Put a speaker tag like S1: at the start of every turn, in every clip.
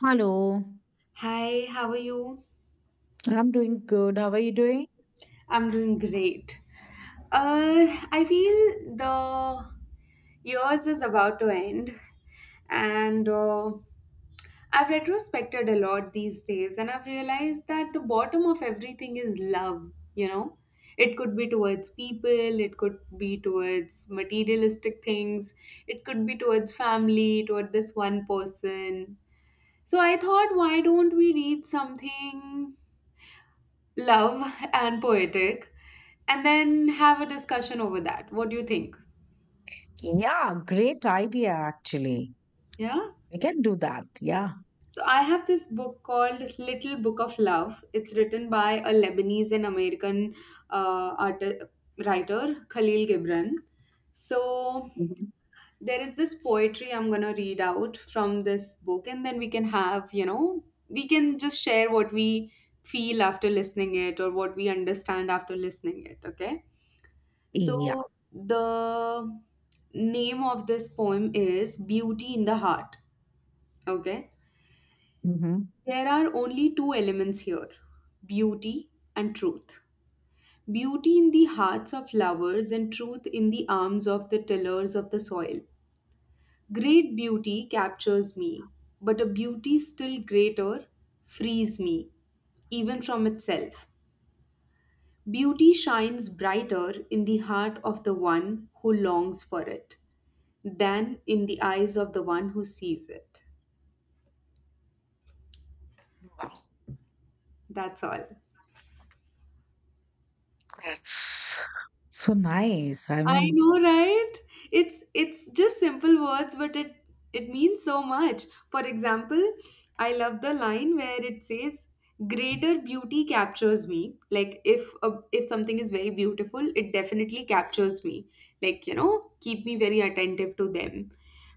S1: Hello,
S2: Hi, how are you?
S1: I'm doing good. How are you doing?
S2: I'm doing great. I feel the years is about to end, and I've retrospected a lot these days, and I've realized that the bottom of everything is love. You know, it could be towards people, it could be towards materialistic things, it could be towards family, toward this one person. So I thought, why don't we read something love and poetic, and then have a discussion over that? What do you think?
S1: Yeah, great idea, actually.
S2: Yeah.
S1: We can do that. Yeah.
S2: So I have this book called Little Book of Love. It's written by a Lebanese and American uh, art- writer, Khalil Gibran. So
S1: Mhm.
S2: there is this poetry I'm going to read out from this book, and then we can have, we can just share what we feel after listening it, or what we understand after listening it. Okay. So
S1: Yeah.
S2: the name of this poem is Beauty in the Heart. Okay.
S1: Hmm.
S2: There are only two elements here: beauty and truth. Beauty in the hearts of lovers, and truth in the arms of the tillers of the soil. Great beauty captures me, but a beauty still greater frees me, even from itself. Beauty shines brighter in the heart of the one who longs for it than in the eyes of the one who sees it.
S1: Wow.
S2: That's all.
S1: That's so nice. I
S2: I
S1: mean,
S2: know, right? It's just simple words, but it means so much. For example, I love the line where it says, "Greater beauty captures me." Like, if something is very beautiful, it definitely captures me. Like, you know, keep me very attentive to them.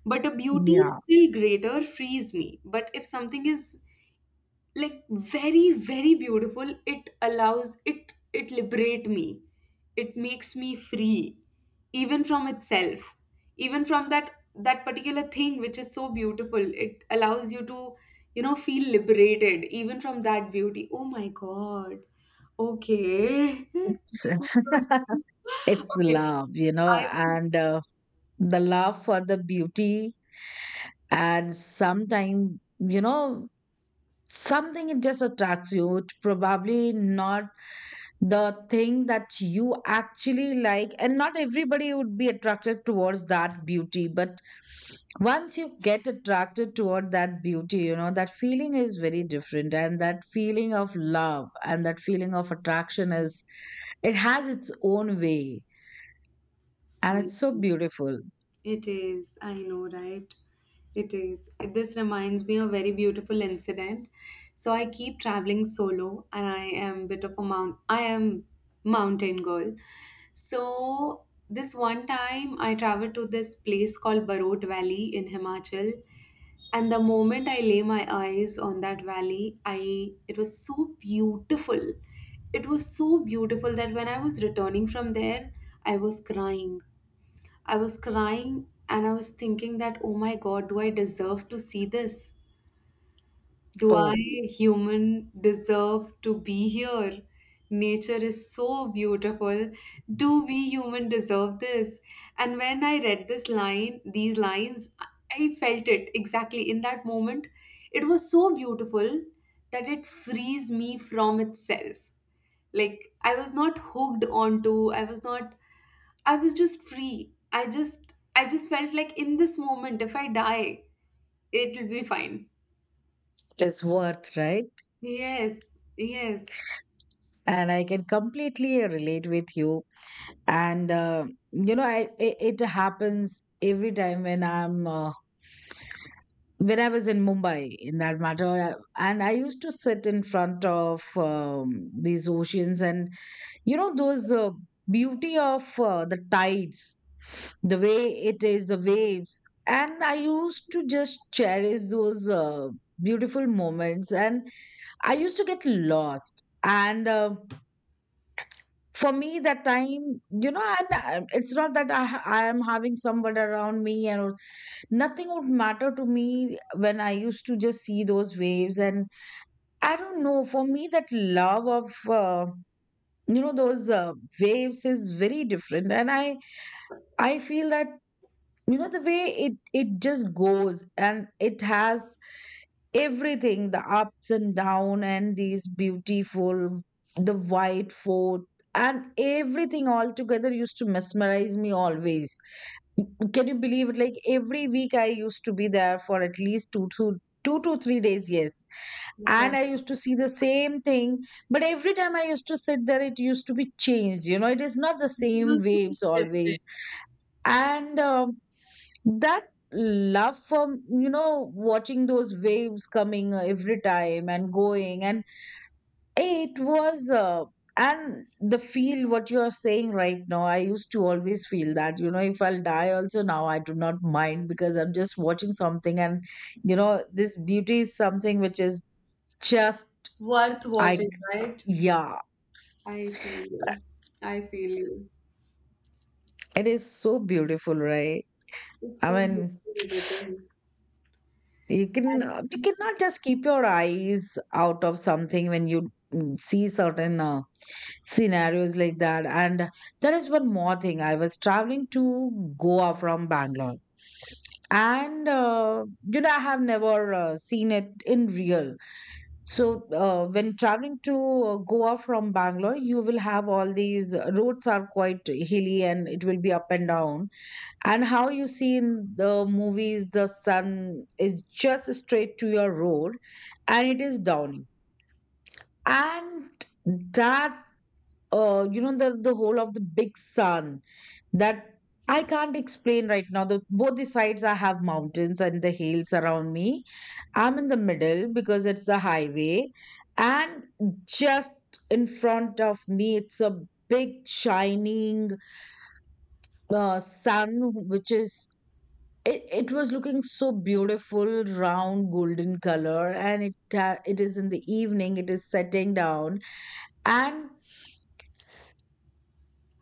S2: But a beauty
S1: yeah,
S2: still greater frees me. But if something is like very very beautiful, it allows it liberate me, it makes me free, even from itself, even from that particular thing which is so beautiful. It allows you to, you know, feel liberated even from that beauty. Oh my God. Okay.
S1: it's
S2: This is so deep.
S1: it's
S2: Okay.
S1: love, you know,
S2: I would
S1: and the love for the beauty. And sometimes, you know, something, it just attracts you. It probably not the thing that you actually like, and not everybody would be attracted towards that beauty, but once you get attracted toward that beauty, you know, that feeling is very different, and that feeling of love and that feeling of attraction is, it has its own way, and
S2: Hmm.
S1: it's so beautiful.
S2: It is, I know, right? It is. This reminds me of a very beautiful incident. So I keep traveling solo, and I am bit of a mount I am mountain girl. So this one time I traveled to this place called Barot Valley in Himachal. And the moment I lay my eyes on that valley, I it was so beautiful. It was so beautiful that when I was returning from there, I was crying I was crying, and I was thinking that, oh my God, do I deserve to see this? Do I,
S1: Oh,
S2: human, deserve to be here? Nature is so beautiful. Do we human deserve this? And when I read this line, these lines, I felt it exactly in that moment. It was so beautiful that it frees me from itself. Like, I was not hooked onto, I was not I was just free. I just felt like in this moment, if I die, it will be fine.
S1: it is worth, right?
S2: Yes, yes.
S1: And I can completely relate with you. And You know, it happens every time when I'm when I was in Mumbai, in that matter. And I used to sit in front of these oceans, and you know those beauty of the tides, the way it is, the waves. And I used to just cherish those beautiful moments, and I used to get lost. And For me, that time, you know, and it's not that I am having someone around me and all. Nothing would matter to me when I used to just see those waves. And I don't know, for me, that love of, you know, those waves is very different. I feel that, you know, the way it just goes, and it has everything, the ups and down, and these beautiful, the white fort, and everything all together used to mesmerize me always. Can you believe it? Like every week, I used to be there for at least two to three days. Yes,
S2: Okay.
S1: and I used to see the same thing. But every time I used to sit there, it used to be changed. You know, it is not the
S2: You
S1: same
S2: must have feel
S1: waves
S2: it.
S1: always. And that love for, you know, watching those waves coming every time and going, and it was, and the feel what you are saying right now, I used to always feel that, you know, if I'll die also now, I do not mind, because I'm just watching something. And, you know, this beauty is something which is just,
S2: Worth
S1: I,
S2: watching, right?
S1: yeah,
S2: I feel you. I feel you.
S1: it is so beautiful, right?
S2: It's
S1: I
S2: so
S1: mean,
S2: beautifully written.
S1: you can, you cannot just keep your eyes out of something when you see certain scenarios like that. And there is one more thing. I was traveling to Goa from Bangalore, and you know, I have never seen it in real. So when traveling to Goa from Bangalore, you will have all these roads are quite hilly, and it will be up and down. And how you see in the movies, the sun is just straight to your road, and it is downy. And that, you know, the whole of the big sun, that I can't explain right now. The, both the sides I have mountains and the hills around me. I'm in the middle because it's the highway, and just in front of me, it's a big shining sun, which is, it was looking so beautiful, round, golden color. And it is in the evening. It is setting down, and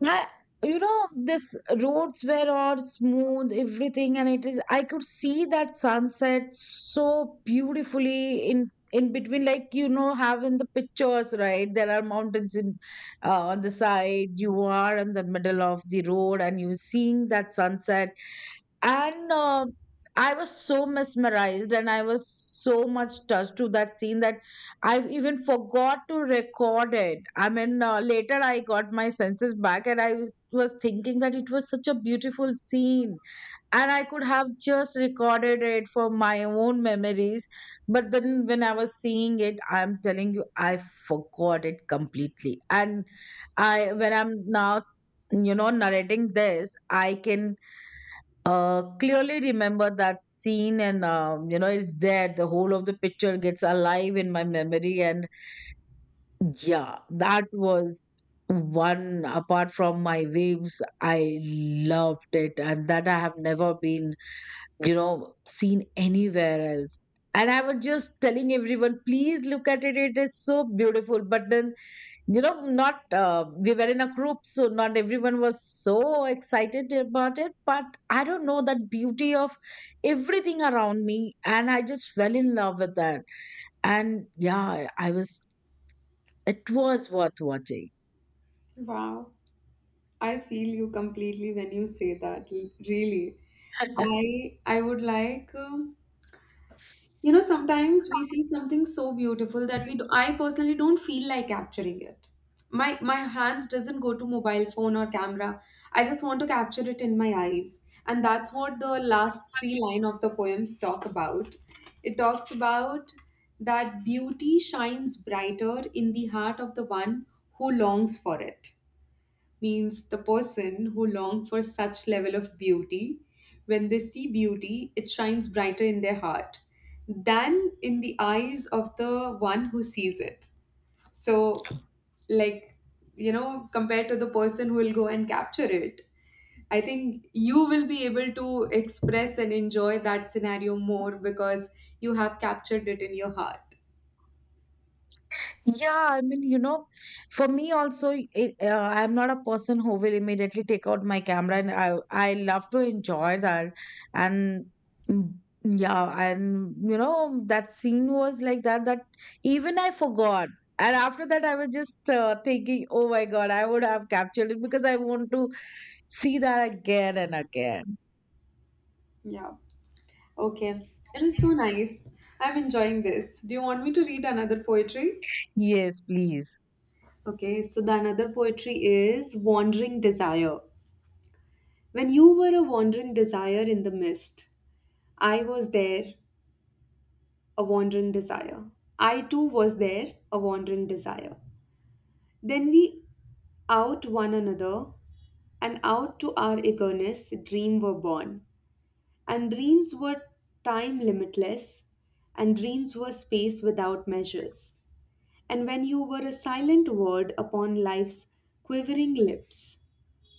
S1: I, you know, this roads were all smooth, everything, and it is. I could see that sunset so beautifully in between, like, you know, have in the pictures, right? There are mountains in on the side. You are in the middle of the road, and you're seeing that sunset, and I was so mesmerized, and I was so much touched to that scene that I even forgot to record it. I mean, later I got my senses back, and I was thinking that it was such a beautiful scene, and I could have just recorded it for my own memories. But then when I was seeing it, I'm telling you, I forgot it completely. And I, when I'm now, you know, narrating this, I can clearly remember that scene. And you know, it's there. The whole of the picture gets alive in my memory. And yeah, that was one, apart from my waves. I loved it, and that I have never been, you know, seen anywhere else. And I was just telling everyone, please look at it, it is so beautiful. But then, you know, not, we were in a group, so not everyone was so excited about it. But I don't know, that beauty of everything around me, and I just fell in love with that. And yeah, I was, it was worth watching.
S2: Wow. I feel you completely when you say that. Really. I would like. You know, sometimes we see something so beautiful that we do, I personally don't feel like capturing it. My hands doesn't go to mobile phone or camera. I just want to capture it in my eyes. And that's what the last three line of the poems talk about. It talks about that beauty shines brighter in the heart of the one who longs for it, means the person who long for such level of beauty, when they see beauty it shines brighter in their heart than in the eyes of the one who sees it. So, like, you know, compared to the person who will go and capture it, I think you will be able to express and enjoy that scenario more because you have captured it in your heart.
S1: Yeah, I mean, you know, for me also, it, I'm not a person who will immediately take out my camera, and I love to enjoy that. And mm, yeah, and you know, that scene was like that. That even I forgot, and after that, I was just thinking, oh my God, I would have captured it because I want to see that again and again.
S2: Yeah. Okay. It was so nice. I'm enjoying this. Do you want me to read another poetry?
S1: Yes, please.
S2: Okay, so the another poetry is Wandering Desire. When you were a wandering desire in the mist, I was there, a wandering desire. I too was there, a wandering desire. Then we out one another, and out to our eagerness, dream were born. And dreams were time limitless, and dreams were space without measures. And when you were a silent word upon life's quivering lips,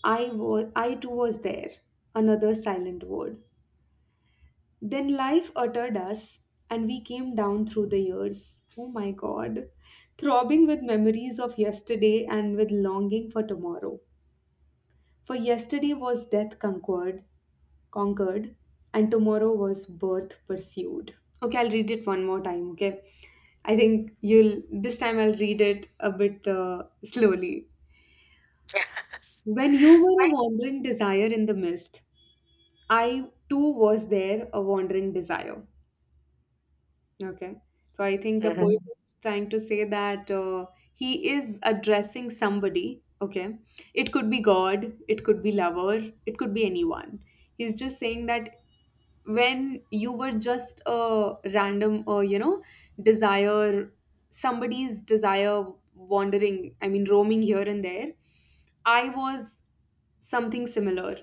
S2: I too was there. Another silent word. Then life uttered us, and we came down through the years. Oh my God. Throbbing with memories of yesterday and with longing for tomorrow. For yesterday was death conquered, conquered, and tomorrow was birth pursued. Okay, I'll read it one more time, okay? I think you'll this time I'll read it a bit slowly. When you were a wandering desire in the mist, I too was there, a wandering desire. Okay. So I think the poet
S1: Hmm.
S2: is trying to say that, he is addressing somebody. Okay. It could be God, it could be lover, it could be anyone. He's just saying that when you were just a random, desire, somebody's desire wandering, I mean, roaming here and there, I was something similar.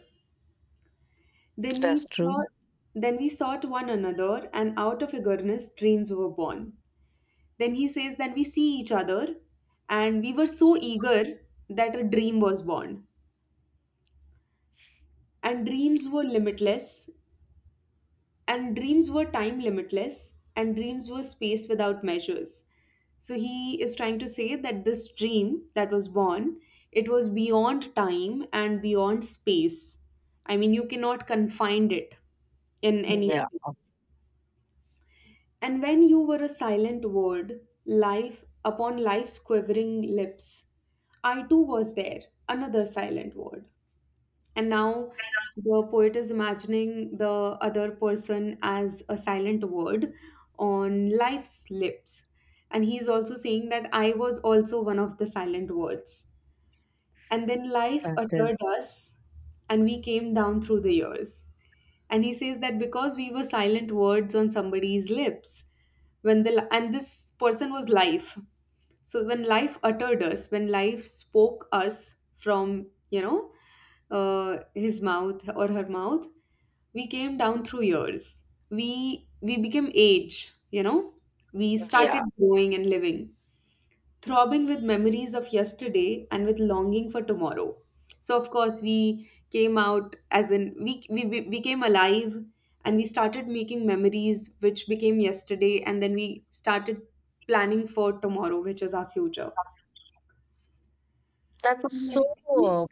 S2: Then we
S1: That's true.
S2: sought, one another, and out of eagerness dreams were born. Then he says, then we see each other, and we were so eager that a dream was born. And dreams were limitless, and dreams were time limitless, and dreams were space without measures. So he is trying to say that this dream that was born, it was beyond time and beyond space. I mean, you cannot confine it in
S1: Yeah.
S2: any
S1: Yeah,
S2: space. And when you were a silent word, life upon life's quivering lips, I too was there, another silent word. And now the poet is imagining the other person as a silent word on life's lips. And he's also saying that I was also one of the silent words. And then life
S1: that is.
S2: uttered us, and we came down through the years. And he says that because we were silent words on somebody's lips, when the and this person was life, so when life uttered us, when life spoke us from, you know, his mouth or her mouth, we came down through years. We we became age, you know, we
S1: Yeah.
S2: started growing and living, throbbing with memories of yesterday and with longing for tomorrow. So, of course, we came out, as in, we came alive, and we started making memories which became yesterday, and then we started planning for tomorrow, which is our future.
S1: That's
S2: From yesterday?
S1: so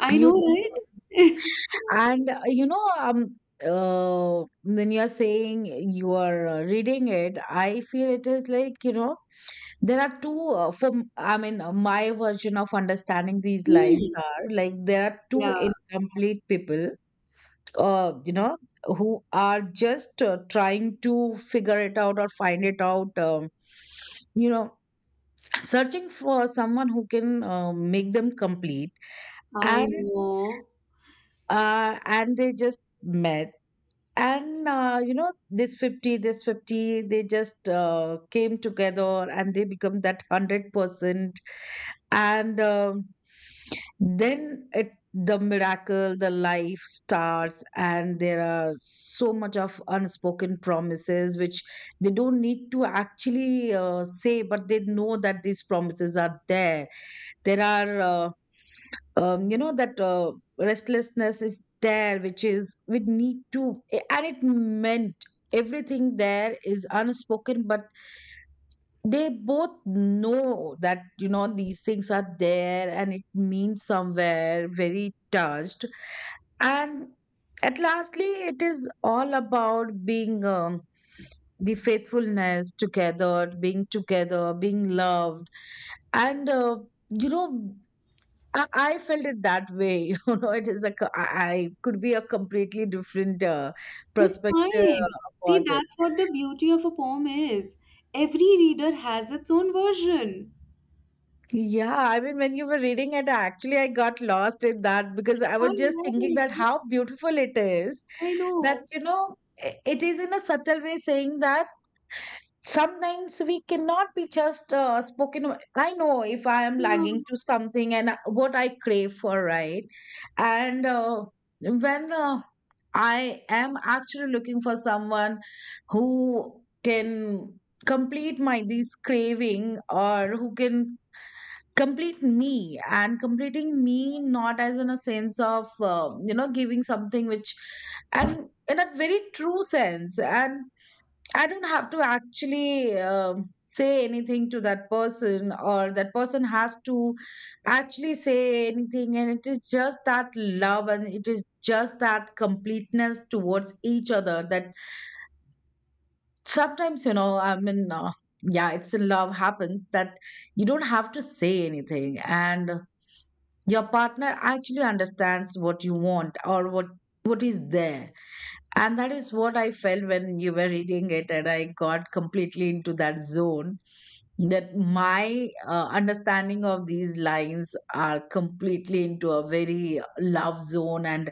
S2: I know, right?
S1: beautiful. And you know, when you're saying you are reading it, I feel it is like, you know, there are two, I mean, my version of understanding these lines
S2: Hmm.
S1: are like, there are two
S2: Yeah,
S1: incomplete people, you know, who are just trying to figure it out or find it out, you know, searching for someone who can make them complete. And
S2: I know.
S1: and they just met, and you know, this 50, they just came together, and they become that 100%. And then it, the miracle, the life starts, and there are so much of unspoken promises which they don't need to actually say, but they know that these promises are there. There are you know, that restlessness is there, which is we need to, and it meant everything. There is unspoken, but they both know that, you know, these things are there, and it means somewhere very touched. And at lastly, it is all about being the faithfulness together, being together, being loved. And you know, I felt it that way. You know, it is a co- I could be a completely different
S2: It's
S1: perspective
S2: fine. See,
S1: about it.
S2: that's what the beauty of a poem is. Every reader has its own version.
S1: Yeah, I mean, when you were reading it, actually, I got lost in that, because I was just thinking that
S2: Alright.
S1: how beautiful it is
S2: I
S1: that,
S2: know.
S1: you know, it is in a subtle way saying that sometimes we cannot be just spoken. I know if I am
S2: Hmm.
S1: lagging to something, and what I crave for, right? And when I am actually looking for someone who can complete my this craving, or who can complete me. And completing me, not as in a sense of, you know, giving something which, and in a very true sense. And I don't have to actually say anything to that person, or that person has to actually say anything. And it is just that love, and it is just that completeness towards each other. That sometimes, you know, I mean, yeah, it's in love happens that you don't have to say anything, and your partner actually understands what you want, or what is there. And that is what I felt when you were reading it, and I got completely into that zone. That my understanding of these lines are completely into a very love zone, and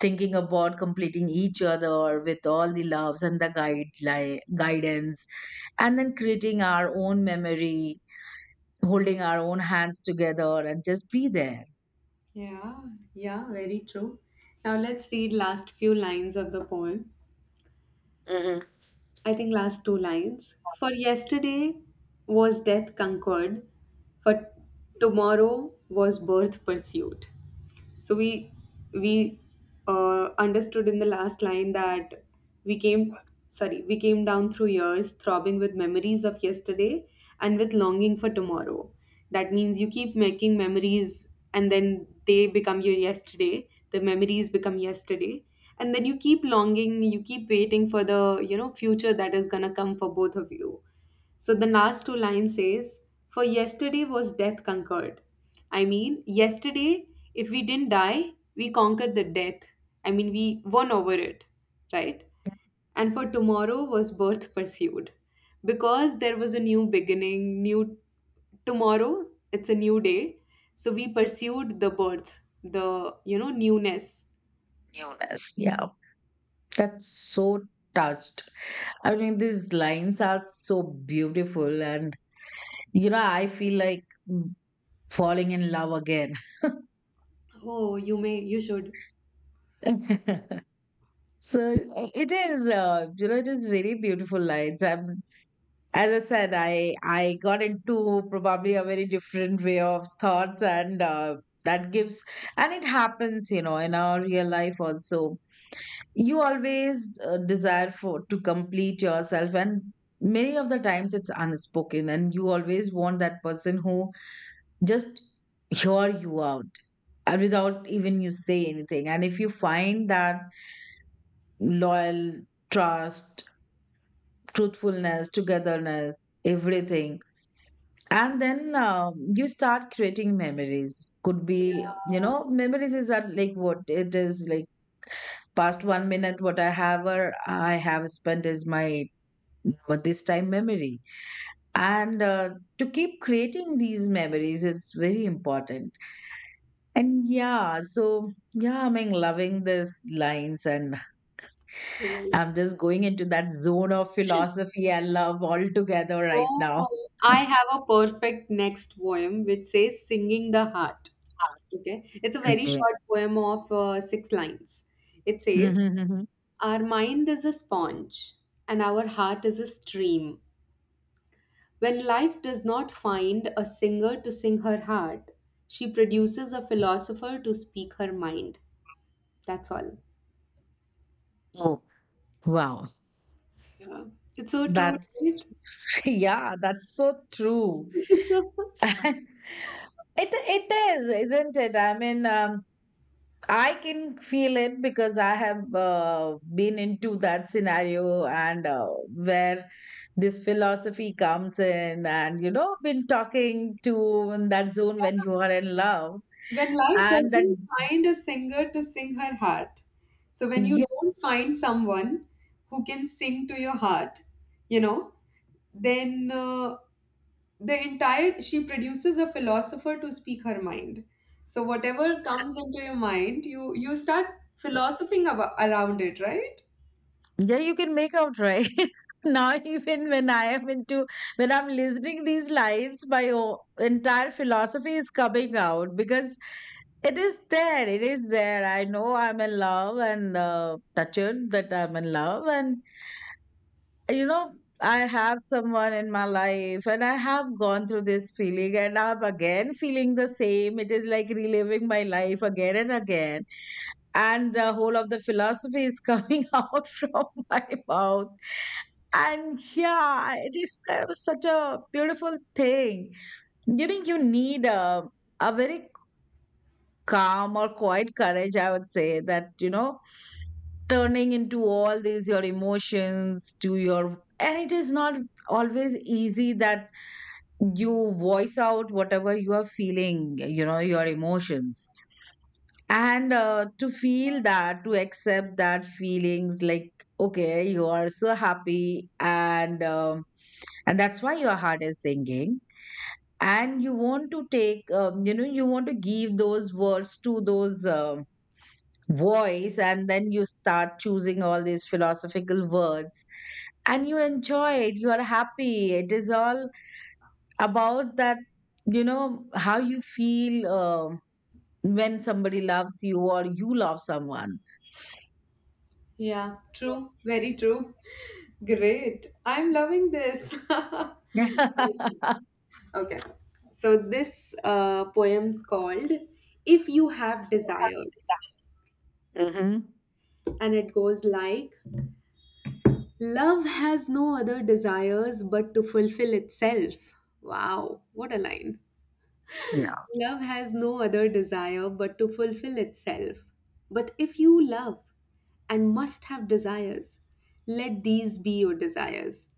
S1: thinking about completing each other with all the loves and the guideline guidance, and then creating our own memory, holding our own hands together, and just be there.
S2: Yeah, yeah, very true. Now let's read last few lines of the poem. I think last two lines. For yesterday was death conquered, for tomorrow was birth pursued. So we understood in the last line that we came we came down through years, throbbing with memories of yesterday and with longing for tomorrow. That means you keep making memories, and then they become your yesterday. The memories become yesterday, and then you keep longing. You keep waiting for the, future that is gonna come for both of you. So the last two lines says, for yesterday was death conquered. I mean, yesterday, if we didn't die, we conquered the death. I mean, we won over it, right? And for tomorrow was birth pursued. Because there was a new beginning, new tomorrow, it's a new day. So we pursued the birth, the, you know, newness.
S1: Newness. Yeah. That's so touched. I mean, these lines are so beautiful, and you know, I feel like falling in love again.
S2: Oh, you may, you should.
S1: So, it is, you know, it is very beautiful lines. I'm, as I said, I got into probably a very different way of thoughts, and that gives, and it happens, you know, in our real life also. You always desire for to complete yourself, and many of the times it's unspoken, and you always want that person who just hear you out, and without even you say anything. And if you find that loyal trust, truthfulness, togetherness, everything, and then you start creating memories. Could be, you know, memories is that like, what it is, like past one minute, what I have, or I have spent is my, but this time memory. And to keep creating these memories is very important. And yeah, so yeah, I mean, loving these lines, and I'm just going into that zone of philosophy and love altogether right now.
S2: Oh, I have a perfect next poem which says Singing the Heart. Okay. It's a very
S1: Okay.
S2: short poem of six lines. It says,
S1: Mm-hmm.
S2: our mind is a sponge and our heart is a stream. When life does not find a singer to sing her heart, she produces a philosopher to speak her mind. That's all.
S1: Oh, wow.
S2: Yeah. It's so true,
S1: That's
S2: right?
S1: yeah, that's so true. And it is, isn't it? I mean, I can feel it because I have been into that scenario and where this philosophy comes in, and you know, been talking to in that zone when you are in love,
S2: When life
S1: and that
S2: doesn't find a singer to sing her heart, so when you
S1: yes,
S2: don't find someone who can sing to your heart, you know, then the entire, she produces a philosopher to speak her mind, so whatever comes into your mind you start philosophing about, around it, right?
S1: yeah, you can make out, right? Now, even when I am into, when I'm listening these lines, entire philosophy is coming out because it is there. It is there. I know I'm in love and touched that I'm in love. And, you know, I have someone in my life and I have gone through this feeling and I'm again feeling the same. It is like reliving my life again and again, and the whole of the philosophy is coming out from my mouth. And yeah, it is kind of such a beautiful thing. You know, you need a very calm or quiet courage, I would say, that you know, turning into all these your emotions to your, and it is not always easy that you voice out whatever you are feeling, you know, your emotions. And to feel that, to accept that feelings, like okay, you are so happy, and that's why your heart is singing. And you want to take you know, you want to give those words to those voice, and then you start choosing all these philosophical words and you enjoy it. You are happy. It is all about that, you know, how you feel when somebody loves you or you love someone.
S2: Yeah, true, very true. Great, I'm loving this. Okay, so this poem's called If You Have Desires,
S1: Hmm.
S2: and it goes like, love has no other desires but to fulfill itself. Wow, what a line.
S1: Yeah.
S2: Love has no other desire but to fulfill itself. But if you love and must have desires, let these be your desires.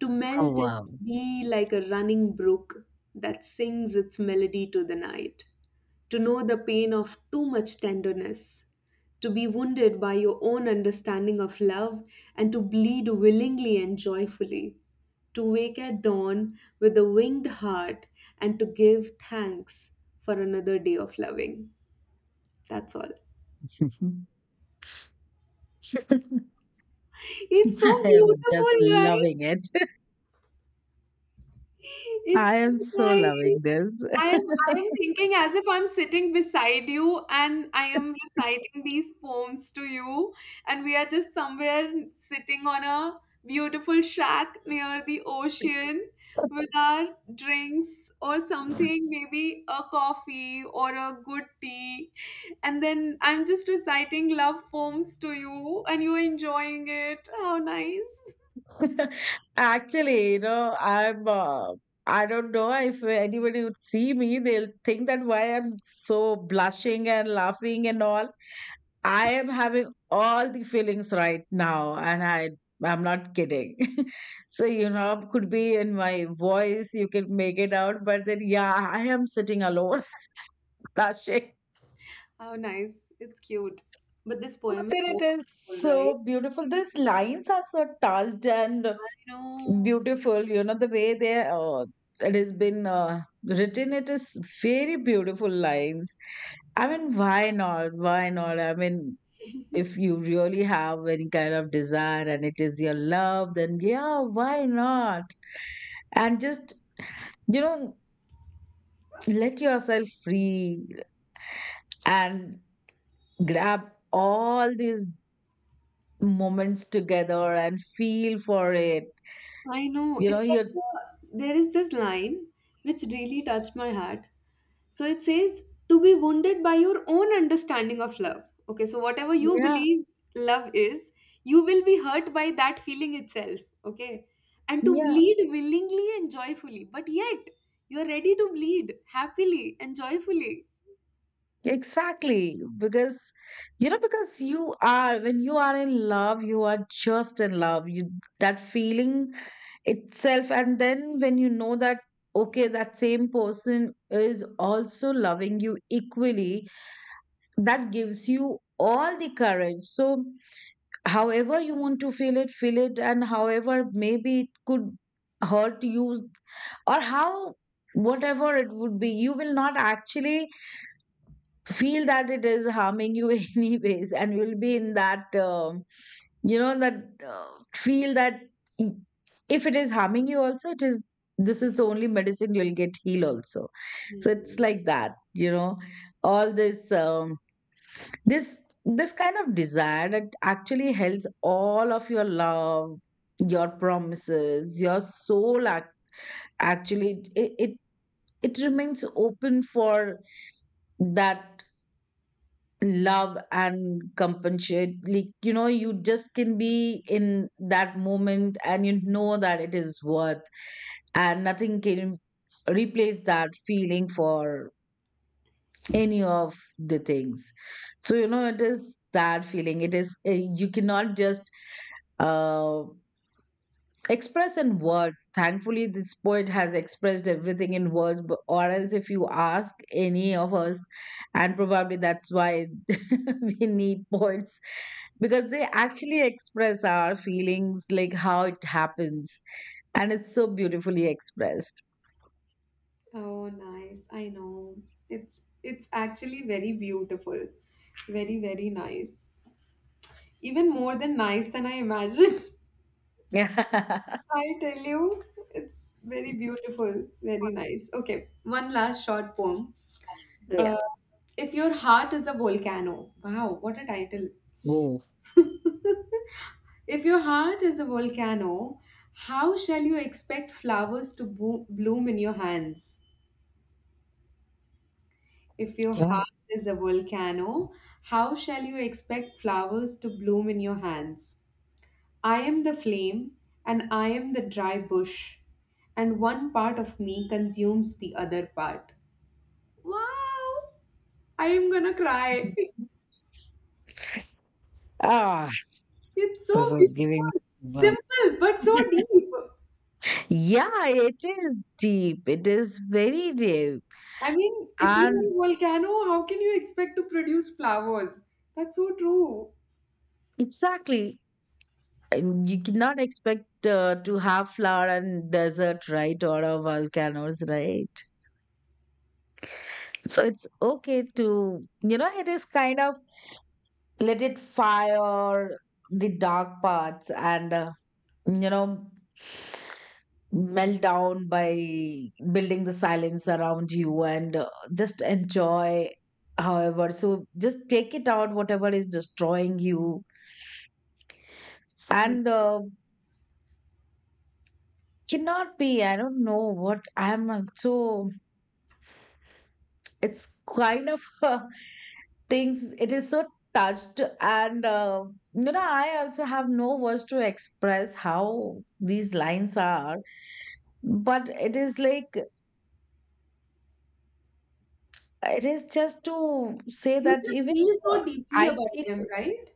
S2: To
S1: Oh,
S2: melt and
S1: wow.
S2: be like a running brook that sings its melody to the night, to know the pain of too much tenderness, to be wounded by your own understanding of love, and to bleed willingly and joyfully, to wake at dawn with a winged heart, and to give thanks for another day of loving. That's all. It's so
S1: I am
S2: beautiful,
S1: just
S2: right?
S1: loving it.
S2: It's
S1: I
S2: so
S1: am so
S2: nice.
S1: loving this.
S2: I'm I'm thinking as if I'm sitting beside you and I am reciting these poems to you, and we are just somewhere sitting on a beautiful shack near the ocean, with our drinks or something, maybe a coffee or a good tea. And then I'm just reciting love poems to you and you're enjoying it. How nice.
S1: Actually, you know, I'm. I don't know if anybody would see me, they'll think that why I'm so blushing and laughing and all. I am having all the feelings right now, and I'm not kidding. So you know, could be in my voice, you can make it out, but then yeah, I am sitting alone, blushing.
S2: How nice. It's cute. But this
S1: But
S2: poem is
S1: then it
S2: so
S1: is
S2: wonderful, right?
S1: so beautiful. These lines are so touched and
S2: I know.
S1: beautiful. You know the way they it has been written. It is very beautiful lines. I mean, why not? Why not? I mean, if you really have any kind of desire and it is your love, then yeah, why not? And just, you know, let yourself free and grab all these moments together and feel for it.
S2: I know.
S1: You know,
S2: It's
S1: you're,
S2: such a. There is this line which really touched my heart. So it says, to be wounded by your own understanding of love. Okay, so whatever you
S1: yeah,
S2: believe love is, you will be hurt by that feeling itself. Okay. And to
S1: yeah,
S2: bleed willingly and joyfully. But yet, you are ready to bleed happily and joyfully.
S1: exactly. Because, you know, because you are, when you are in love, you are just in love. You, that feeling itself. And then when you know that okay, that same person is also loving you equally, that gives you all the courage. So however you want to feel it, feel it. And however maybe it could hurt you, or how, whatever it would be, you will not actually feel that it is harming you anyways, and you'll be in that you know that feel that i- if it is harming you also, it is, this is the only medicine you'll get heal also. So it's
S2: Hmm.
S1: like that, you know, all this this this kind of desire that actually helps all of your love, your promises, your actually it it remains open for that love and compensate. Like, you know, you just can be in that moment and you know that it is worth, and nothing can replace that feeling for any of the things. So you know, it is that feeling. It is you cannot just uh, express in words. Thankfully this poet has expressed everything in words but, or else if you ask any of us, and probably that's why we need poets, because they actually express our feelings like how it happens, and it's so beautifully expressed.
S2: Oh, nice. I know. It's actually very beautiful. Very, very nice. Even more than nice than I imagined.
S1: Yeah.
S2: I tell you, it's very beautiful, very nice. Okay, one last short poem.
S1: Yeah.
S2: Uh, if your heart is a volcano, wow, what a title.
S1: Oh,
S2: If your heart is a volcano, how shall you expect flowers to bloom in your hands? If your
S1: yeah.
S2: heart is a volcano, how shall you expect flowers to bloom in your hands? I am the flame, and I am the dry bush, and one part of me consumes the other part. Wow! I am gonna cry.
S1: Ah,
S2: It's
S1: this
S2: so
S1: is
S2: beautiful.
S1: giving me goosebumps.
S2: Simple, but so deep.
S1: Yeah, it is deep. It is very deep.
S2: I mean, if you are
S1: And
S2: a volcano, how can you expect to produce flowers? That's so true.
S1: exactly, and you cannot expect to have flower and desert, right? Or a volcanoes, right? So it's okay to, you know, it is kind of let it fire the dark parts and you know, melt down by building the silence around you, and just enjoy however. So just take it out whatever is destroying you,
S2: Yeah.
S1: and cannot be, I don't know what I'm so it's kind of things. It is so touched and you know, I also have no words to express how these lines are, but it is like, it is just to say
S2: You
S1: that
S2: just
S1: even
S2: feel
S1: uh,
S2: so deeply
S1: I
S2: about
S1: feel,
S2: them, right?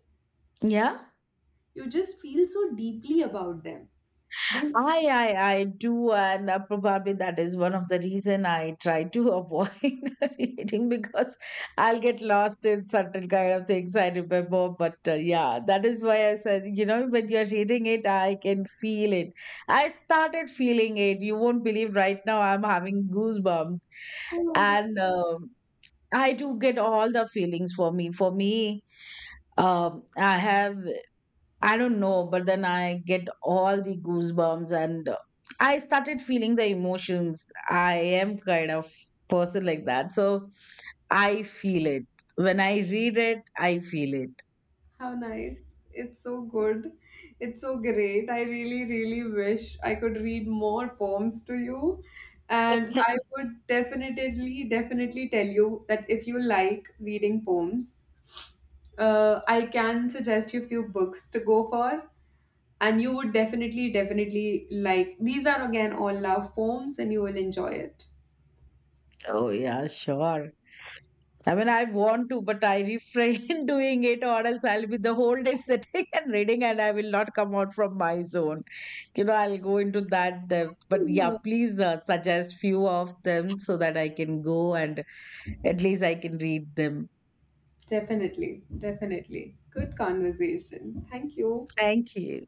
S1: yeah.
S2: You just feel so deeply about them. They,
S1: I do, and probably that is one of the reason I try to avoid reading, because I'll get lost in certain kind of things I remember. But yeah, that is why I said, you know, when you're reading it, I can feel it. I started feeling it. You won't believe right now I'm having goosebumps,
S2: oh my God,
S1: and I do get all the feelings for me. For me, I have. I don't know, but then I get all the goosebumps and I started feeling the emotions. I am kind of person like that. So I feel it. When I read it, I feel it.
S2: how nice. It's so good. It's so great. I really, really wish I could read more poems to you. And I would definitely, definitely tell you that if you like reading poems, I can suggest you a few books to go for. And you would definitely, definitely like. These are again all love poems, and you will enjoy it.
S1: Oh yeah, sure. I mean I want to, but I refrain doing it, or else I'll be the whole day sitting and reading and I will not come out from my zone. You know, I'll go into that depth. But yeah, please suggest few of them so that I can go and at least I can read them.
S2: Definitely, definitely. Good conversation. Thank you.
S1: Thank you.